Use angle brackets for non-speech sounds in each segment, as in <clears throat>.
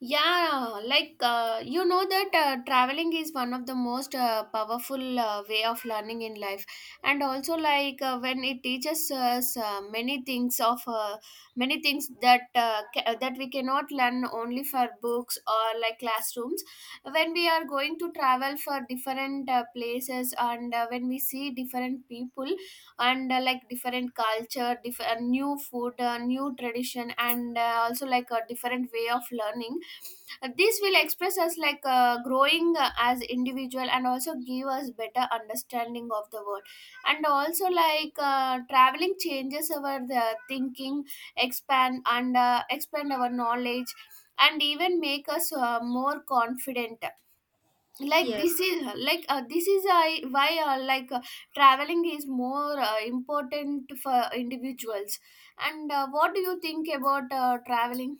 Yeah, like you know that traveling is one of the most powerful way of learning in life, and also like when it teaches us many things of many things that we cannot learn only for books or like classrooms. When we are going to travel for different places and when we see different people and like different culture, different new food, new tradition, and also like a different way of learning. This will express us like growing as individual and also give us better understanding of the world. And also like traveling changes our the thinking, expand our knowledge and even make us more confident. Like Yes, this is I why like traveling is more important for individuals. And what do you think about traveling?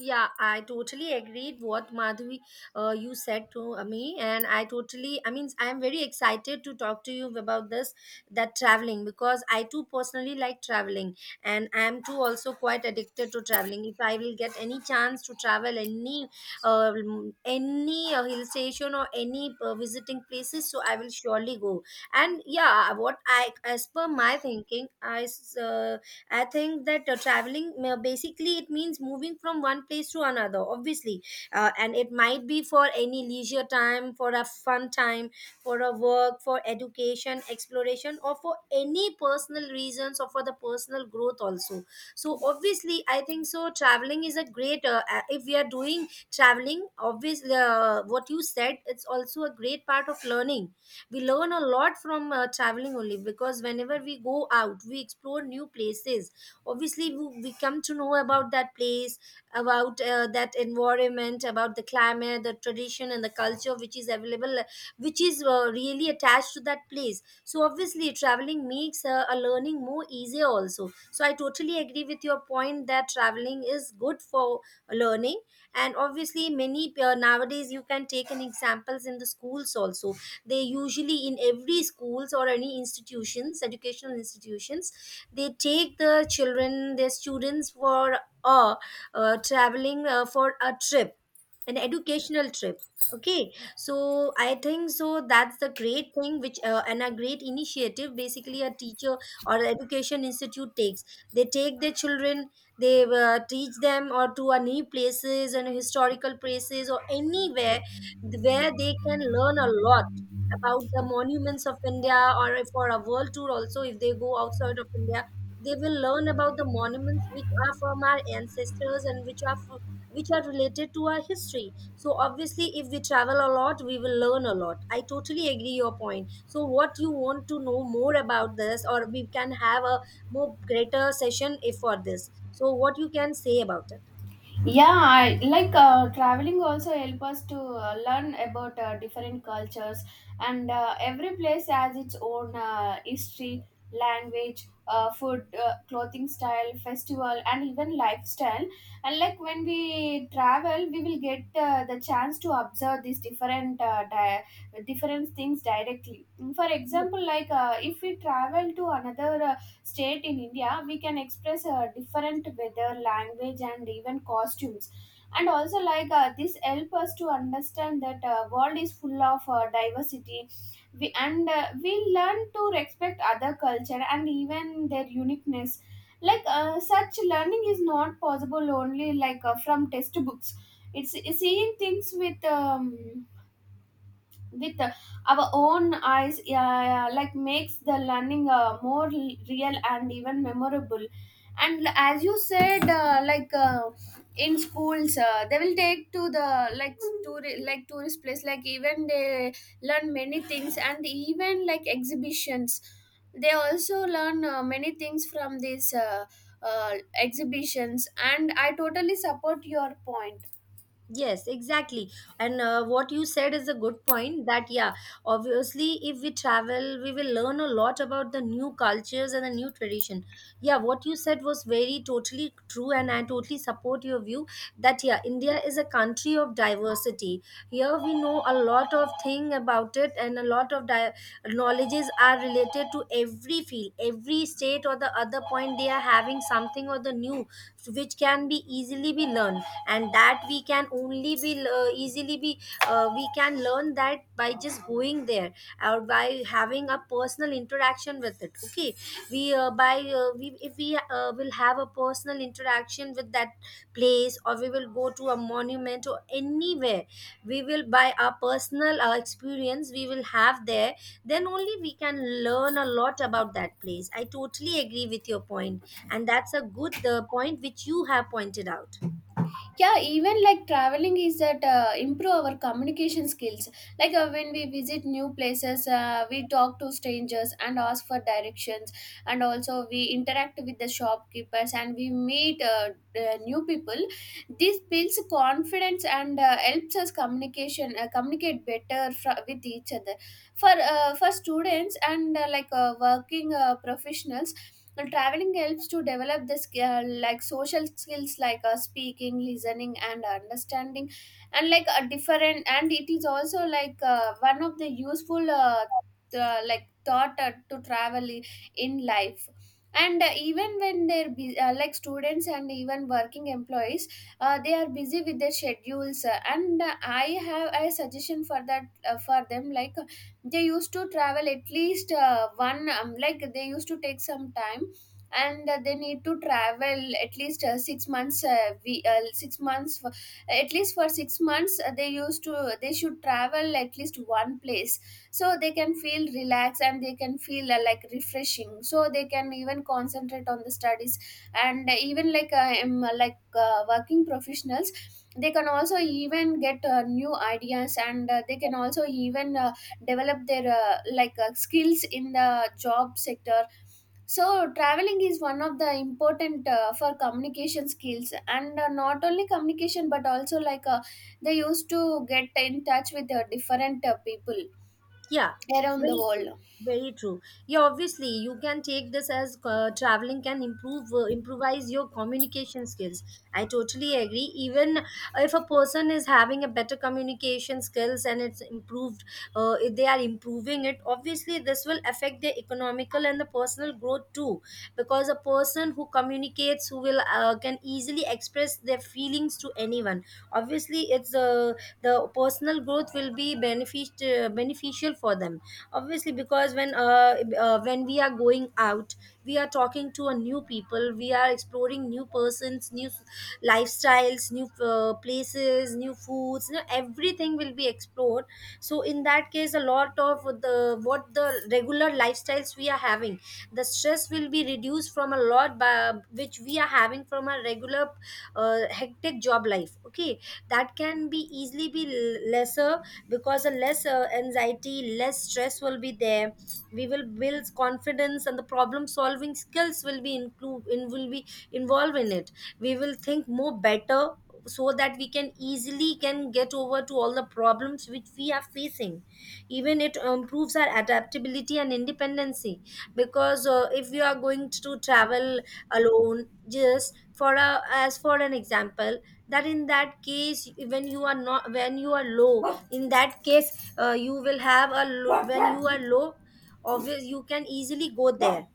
yeah, I totally agreed what Madhuri you said to me, and I totally, I mean, I am very excited to talk to you about this that traveling because I too personally like traveling, and I am too also quite addicted to traveling. If I will get any chance to travel uh, any hill station or any visiting places, so I will surely go. And yeah, what I as per my thinking, I think that traveling basically it means moving from one place to another, obviously, and it might be for any leisure time, for a fun time, for a work, for education, exploration, or for any personal reasons or for the personal growth also. So obviously, I think so. Traveling is a great if we are doing traveling. Obviously, what you said, it's also a great part of learning. We learn a lot from traveling only, because whenever we go out we explore new places. Obviously we come to know about that place, about that environment, about the climate, the tradition and the culture which is available, which is really attached to that place. So obviously traveling makes a learning more easier also. So I totally agree with your point that traveling is good for learning. And obviously many nowadays, you can take an examples in the schools also. They usually in every schools or any institutions, educational institutions, they take the children, their students, for uh, traveling, for a trip, an educational trip. Okay, so I think so, that's the great thing which and a great initiative basically a teacher or an education institute takes. They take their children, they teach them or to a new places and historical places or anywhere where they can learn a lot about the monuments of India, or if for a world tour also, if they go outside of India, they will learn about the monuments which are from our ancestors and which which are related to our history. So obviously if we travel a lot, we will learn a lot. I totally agree your point. So what, you want to know more about this or we can have a more greater session if for this? So what you can say about it? Yeah, I like traveling also help us to learn about different cultures, and every place has its own history, language, food, clothing style, festival and even lifestyle. And like when we travel, we will get the chance to observe these different things directly. For example, like if we travel to another state in India, we can express different weather, language, and even costumes. And also, like this, help us to understand that world is full of diversity. We learn to respect other culture and even their uniqueness. Like such learning is not possible only like from textbooks. It's seeing things with our own eyes like makes the learning more real and even memorable, and as you said like in schools they will take to the like like tourist place, like even they learn many things, and even like exhibitions they also learn many things from these exhibitions. And I totally support your point. Yes, exactly. And what you said is a good point, that yeah, obviously, if we travel, we will learn a lot about the new cultures and the new tradition. Yeah, what you said was very totally true, and I totally support your view that, yeah, India is a country of diversity. Here we know a lot of thing about it, and a knowledges are related to every field, every state or the other point. They are having something or the new, which can be easily be learned, and that we can only be easily be we can learn that by just going there or by having a personal interaction with it. Okay, we by we if we will have a personal interaction with that place, or we will go to a monument or anywhere, we will by our personal experience we will have there, then only we can learn a lot about that place. I totally agree with your point, and that's a good point which you have pointed out. Yeah, even like traveling is that improve our communication skills. Like when we visit new places, we talk to strangers and ask for directions, and also we interact with the shopkeepers and we meet new people. This builds confidence and helps us communication communicate better with each other. For students and like working professionals now, traveling helps to develop this skill, like social skills like speaking, listening, and understanding, and like a different. And it is also like one of the useful the, like thought to travel in life. And even when they're like students and even working employees, they are busy with their schedules. And I have a suggestion for that for them. Like they used to travel at least one, like they used to take some time, and they need to travel at least 6 months we, 6 months for, at least for 6 months they used to they should travel at least one place, so they can feel relaxed and they can feel like refreshing, so they can even concentrate on the studies. And even like working professionals, they can also even get new ideas, and they can also even develop their like skills in the job sector. So traveling is one of the important for communication skills, and not only communication but also like they used to get in touch with different people Yeah, around the very true. world. Very true. Yeah, obviously you can take this as traveling can improve improvise your communication skills. I totally agree. Even if a person is having a better communication skills and it's improved, if they are improving it. Obviously, this will affect their economical and the personal growth too, because a person who communicates, who will can easily express their feelings to anyone, obviously it's the personal growth will be benefit beneficial for them, obviously. Because when we are going out, we are talking to a new people, we are exploring new persons, lifestyles, new places, new foods, you know, everything will be explored. So in that case, a lot of the, what the regular lifestyles we are having, the stress will be reduced from a lot by, which we are having from a regular hectic job life. Okay, that can be easily be lesser, because a less anxiety, less stress will be there. We will build confidence, and the problem solving skills will be include in, will be involved in it. We will think more better, so that we can easily can get over to all the problems which we are facing. Even it improves our adaptability and independency, because if you are going to travel alone, just for a as for an example, that in that case, when you are not, when you are low, in that case, you will have a low, when you are low, obvious you can easily go there.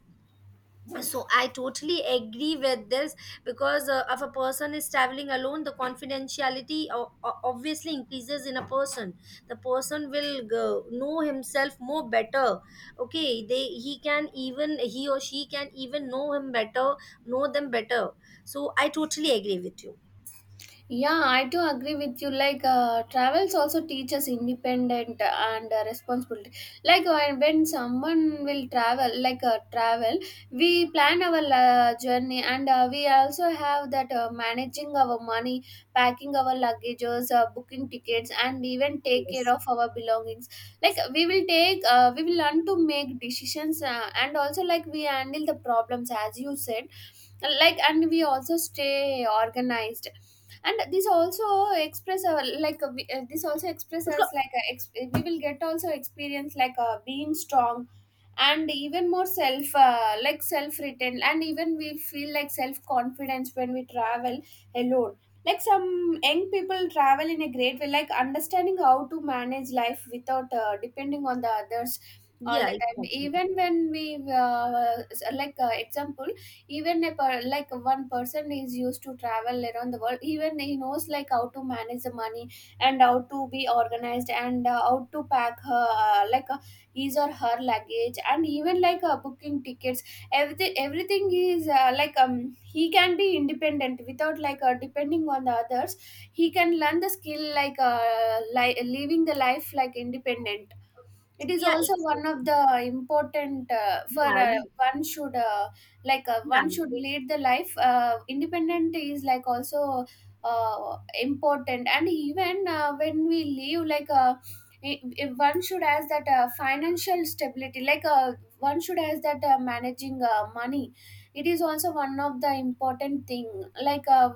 So I totally agree with this, because if a person is traveling alone, the confidentiality obviously increases in a person. The person will go, know himself more better. Okay, they, he can even, he or she can even know him better, know them better. So I totally agree with you. Yeah, I do agree with you. Like, travels also teaches independent and responsibility. Like, when someone will travel, like travel, we plan our journey, and we also have that managing our money, packing our luggages, booking tickets, and even take care Yes. of our belongings. Like, we will learn to make decisions and also like we handle the problems as you said, like, and we also stay organized. And this also express our like this also expresses like we will get also experience like being strong and even more self like self written, and even we feel like self confidence when we travel alone. Like some young people travel in a great way, like understanding how to manage life without depending on the others all Yeah, the time. exactly. Even when we like example, even like one person is used to travel around the world, even he knows like how to manage the money, and how to be organized, and how to pack her like his or her luggage, and even like booking tickets. Everything is like he can be independent without like depending on the others. He can learn the skill, like living the life like independent. It is Yeah, also one of exactly. the important for Yeah, you, one should like yeah, one should lead the life independent is like also important. And even when we live, like one should has that financial stability, like one should has that managing money. It is also one of the important thing, like uh,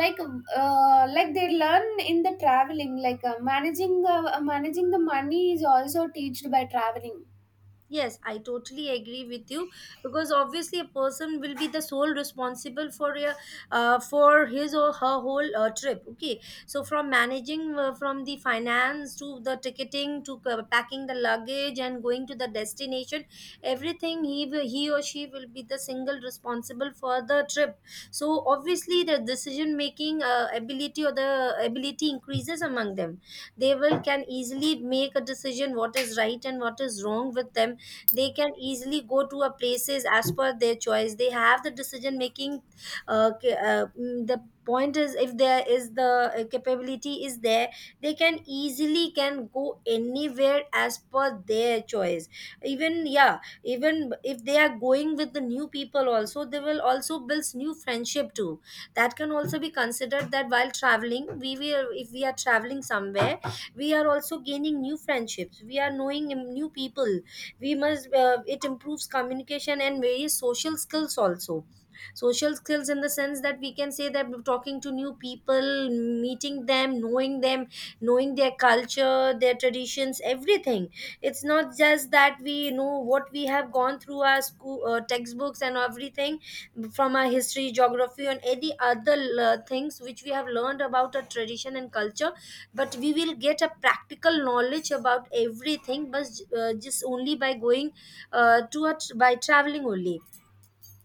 like like they learn in the traveling, like managing the money is also taught by traveling. Yes, I totally agree with you because obviously a person will be the sole responsible for a, for his or her whole trip. Okay, so from managing from the finance, to the ticketing, to packing the luggage and going to the destination, everything he will, he or she will be the single responsible for the trip. So obviously the decision making ability, or the ability increases among them. They will can easily make a decision what is right and what is wrong with them. They can easily go to a places as per their choice. They have the decision making the point is if there is the capability is there, they can easily can go anywhere as per their choice. Even yeah, even if they are going with the new people also, they will also build new friendship too. That can also be considered, that while traveling we will, if we are traveling somewhere, we are also gaining new friendships, we are knowing new people. We must it improves communication and various social skills also. Social skills in the sense that, we can say that talking to new people, meeting them, knowing them, knowing their culture, their traditions, everything. It's not just that we know what we have gone through our school textbooks and everything, from our history, geography, and any other things which we have learned about our tradition and culture, but we will get a practical knowledge about everything. But just only by going by traveling only,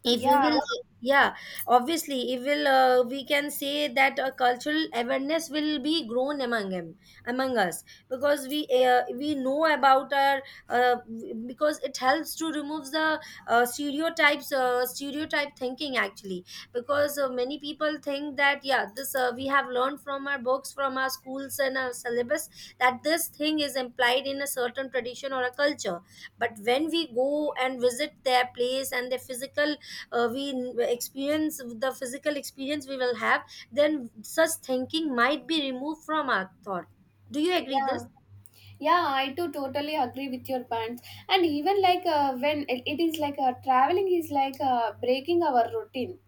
if we will, Yeah, yeah, obviously it will we can say that a cultural awareness will be grown among them, among us, because we know about our uh, because it helps to remove the stereotype thinking, actually. Because many people think that, yeah, this we have learned from our books, from our schools and our syllabus, that this thing is implied in a certain tradition or a culture. But when we go and visit their place and their physical experience, the physical experience we will have, then such thinking might be removed from our thought. Do you agree this? yeah, yeah, I too totally agree with your points. And even like when it is like traveling is like breaking our routine.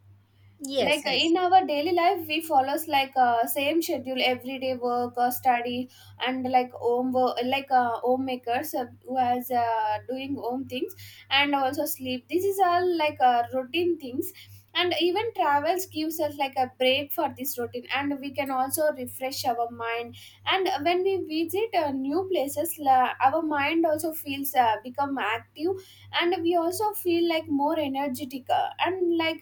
Yes, Like yes. in our daily life we follows like same schedule, everyday work or study, and like like homemakers, who has doing home things, and also sleep. This is all like routine things, and even travels gives us like a break for this routine, and we can also refresh our mind. And when we visit new places, our mind also feels become active, and we also feel like more energetic and like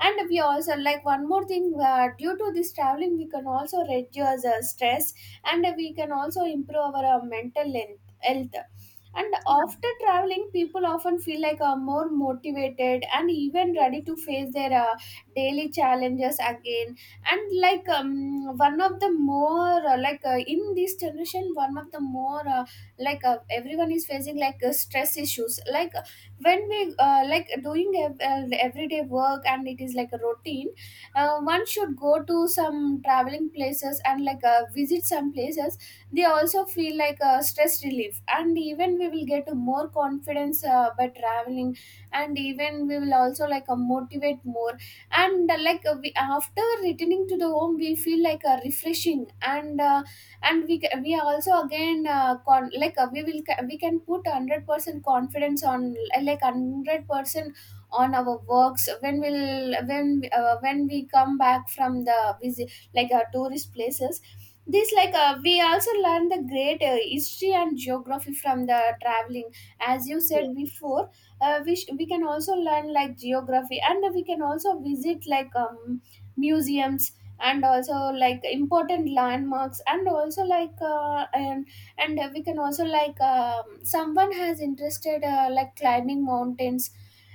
and we also like one more thing, due to this traveling we can also reduce stress, and we can also improve our mental health. And after traveling people often feel like more motivated and even ready Yes, to face their daily challenges again. And like one of the more like in this generation, one of the more like everyone is facing like stress issues. Like when we like doing everyday work, and it is like a routine. One should go to some traveling places and like visit some places. They also feel like a stress relief, and even we will get a more confidence by traveling, and even we will also like motivate more. And like we, after returning to the home, we feel like refreshing, and we are also again like we can put 100% confidence on, like 100% on our works when we'll when we come back from the visit like our tourist places. This, like we also learn the great history and geography from the traveling as you said yes. before. We can also learn like geography, and we can also visit like museums and also like important landmarks, and also like and we can also like someone has interested like climbing mountains,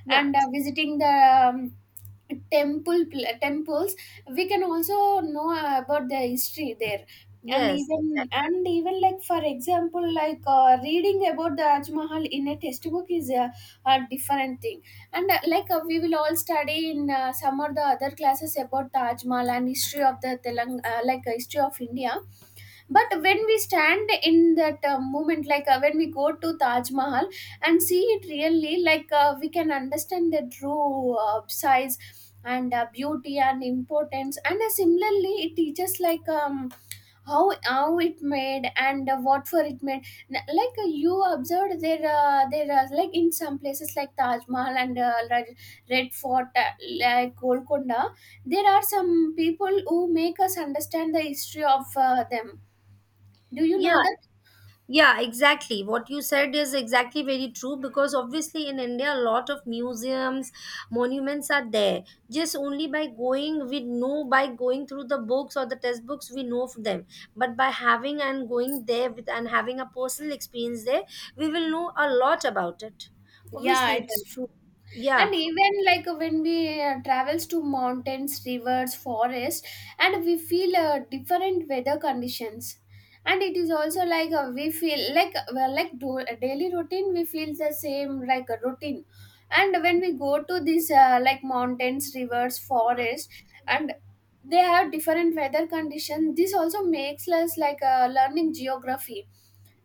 Yeah. and visiting the um, temples. We can also know about the history there. and Yes, even exactly. and even like, for example, like reading about the Taj Mahal in a textbook is a different thing. And like we will all study in some of the other classes about Taj Mahal and history of the Telang like history of India. But when we stand in that moment, like when we go to Taj Mahal and see it really, like we can understand the true size and beauty and importance. And similarly it teaches like how it made, and what for it made. Like you observed there, there are, like, in some places like Taj Mahal and Red Fort, like Golconda, there are some people who make us understand the history of them. Do you Yeah. know that? Yeah, exactly. What you said is exactly very true, because obviously in India, a lot of museums, monuments are there. Just only by going, we know, by going through the books or the textbooks, we know of them. But by having and going there with and having a personal experience there, we will know a lot about it. Yeah, Obviously, it's then- true. yeah, And even like when we travels to mountains, rivers, forest, and we feel different weather conditions. And it is also like we feel like well, daily routine we feel the same like a routine. And when we go to these like mountains, rivers, forest, and they have different weather conditions. This also makes us learning geography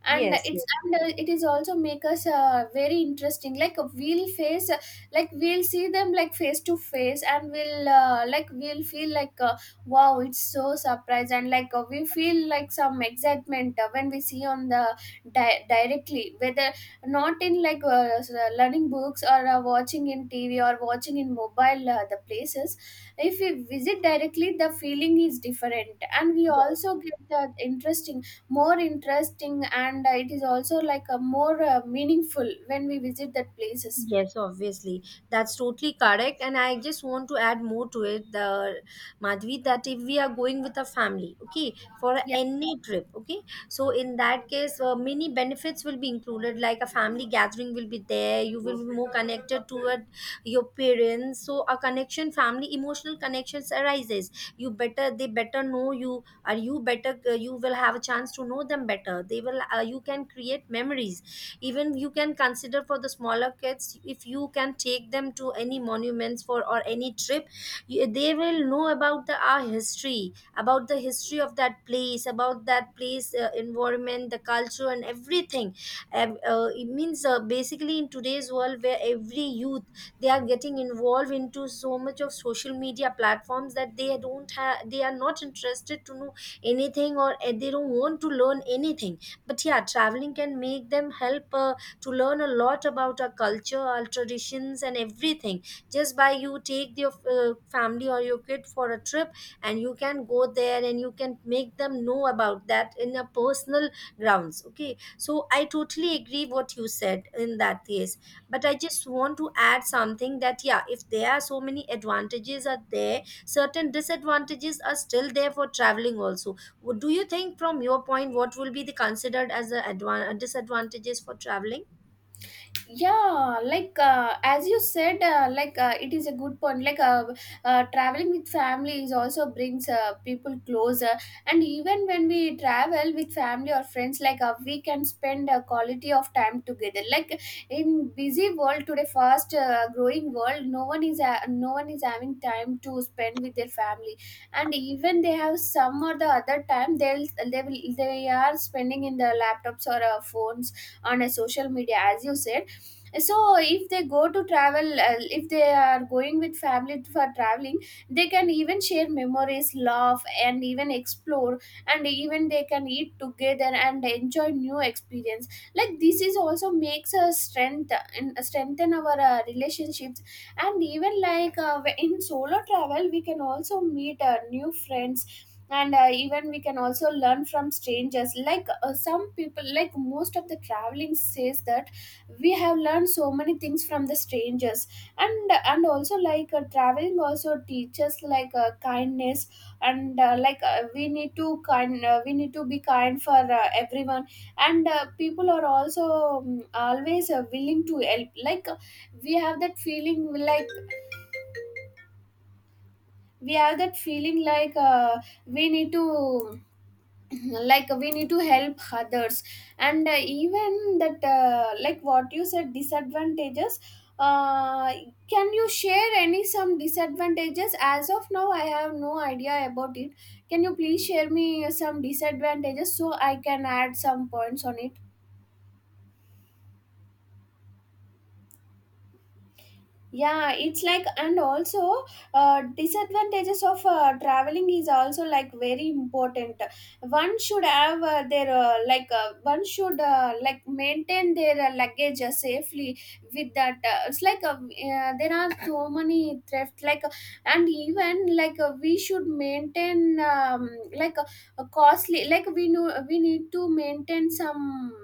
and yes, yes. It is also make us very interesting we'll face like we'll see them like face to face, and we'll like we'll feel like wow, it's so surprise, and we feel like some excitement when we see on the directly, whether not in learning books or watching in tv or watching in mobile the places. If we visit directly, the feeling is different, and we also get the interesting, more interesting, and it is also like a more meaningful when we visit that places. Yes, obviously. That's totally correct. And I just want to add more to it, the Madhvi, that if we are going with a family, okay, for a Yeah, any trip, okay, so in that case, many benefits will be included, like a family gathering will be there, you will be more connected toward your parents. So a connection, family, emotional connections arises. You better, they better know you, or you better, you will have a chance to know them better. They will, you can create memories. Even you can consider for the smaller kids, if you can take them to any monuments for or any trip, you, they will know about the our history, about the history of that place, about that place environment, the culture and everything. It means basically in today's world, where every youth, they are getting involved into so much of social media platforms, that they don't have, they are not interested to know anything, or they don't want to learn anything. But yeah, traveling can make them help to learn a lot about our culture, our traditions and everything. Just by you take your family or your kid for a trip, and you can go there and you can make them know about that in a personal grounds. Okay, so I totally agree what you said in that case. But I just want to add something, that yeah, if there are so many advantages are there, certain disadvantages are still there for traveling also. Do you think, from your point, what will be the considered as the disadvantages for traveling? yeah, as you said, like it is a good point like traveling with family is also brings people closer. And even when we travel with family or friends, we can spend a quality of time together, like in busy world today, fast growing world, no one is having time to spend with their family. And even they have some or the other time, they'll they will they are spending in their laptops or phones on a social media, as you said. So if they go to travel, if they are going with family for traveling, they can even share memories, laugh, and even explore. And even they can eat together and enjoy new experience. Like this is also makes us strength and strengthen our relationships. And even in solo travel we can also meet new friends. And even we can also learn from strangers, some people like most of the traveling says that we have learned so many things from the strangers. And also traveling also teaches kindness. And we need to kind we need to be kind for everyone. And people are also always willing to help, we have that feeling like we have that feeling like uh, we need to <clears throat> like we need to help others. And even that like what you said, disadvantages, uh, can you share any some disadvantages? As of now, I have no idea about it. Can you please share me some disadvantages so I can add some points on it? Yeah, it's like, and also disadvantages of traveling is also like very important. One should have their like one should like maintain their luggage safely. With that, it's there are so many theft, and even we should maintain like uh, a costly, like we know we need to maintain some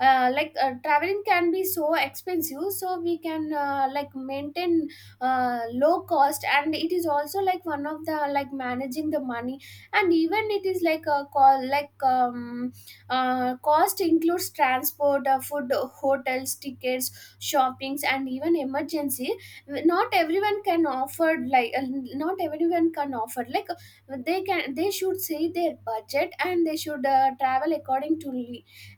traveling can be so expensive, so we can like maintain low cost. And it is also like one of the like managing the money. And even it is like a call cost includes transport, food, hotels, tickets, shoppings, and even emergency. Not everyone can offer like Not everyone can offer, like they can, they should say their budget, and they should travel according to.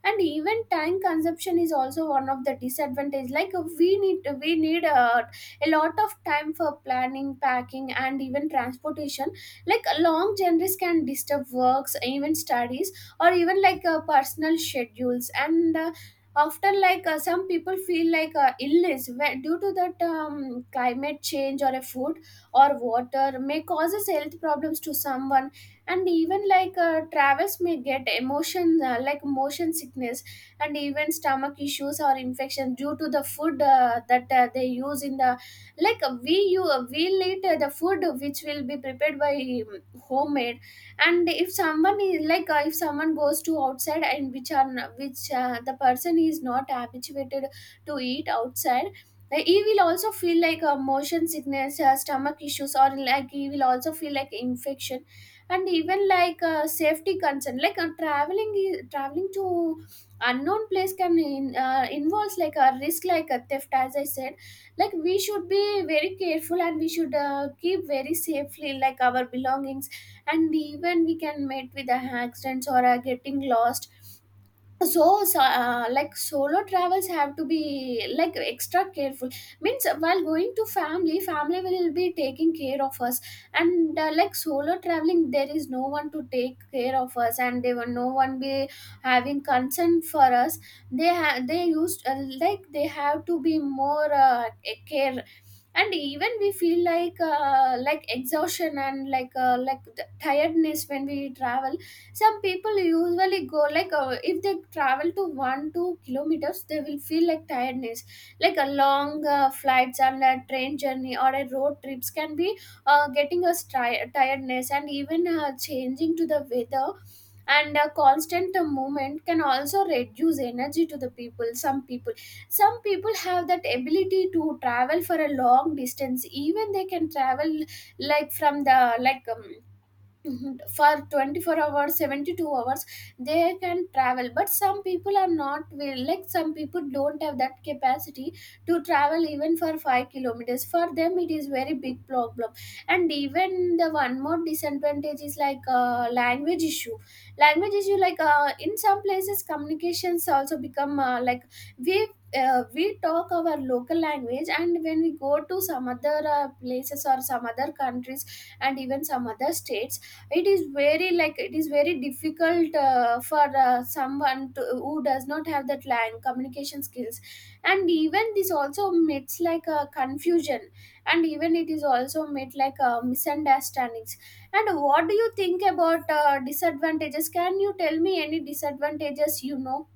And even time consumption is also one of the disadvantage, we need a lot of time for planning, packing, and even transportation. Long journeys can disturb works, even studies, or even personal schedules. And often some people feel like illness due to that, climate change, or a food or water may causes health problems to someone. And even travis may get emotion like motion sickness and even stomach issues or infection due to the food that they use in the, we'll eat the food which will be prepared by homemade. And if someone is if someone goes to outside, and which are which the person is not habituated to eat outside, he will also feel motion sickness, stomach issues, or like he will also feel like infection. And even safety concern, traveling to unknown place can involves like a risk, like a theft, as I said. Like, we should be very careful, and we should keep very safely like our belongings. And even we can meet with the accidents or getting lost. So like solo travels have to be like extra careful. Means while going to family, family will be taking care of us, and like solo traveling, there is no one to take care of us, and they will no one be having concern for us. They used they have to be more care. And even we feel like exhaustion and like the tiredness when we travel. Some people usually go if they travel to 1-2 kilometers they will feel like tiredness. Like a long flights and a train journey or a road trips can be getting us tiredness, and even changing to the weather, and constant movement can also reduce energy to the people. Some people, some people have that ability to travel for a long distance, even they can travel like from the like Mhm. for 24 hours, 72 hours they can travel, but some people are not will, like some people don't have that capacity to travel even for 5 kilometers. For them it is very big problem. And even the one more disadvantage is language issue. Language issue, in some places communications also become like we we talk our local language, and when we go to some other places or some other countries and even some other states, it is very like it is very difficult for someone to, who does not have that lang communication skills. And even this also meets like a confusion, and even it is also meet like a misunderstandings. And what do you think about disadvantages? Can you tell me any disadvantages you know?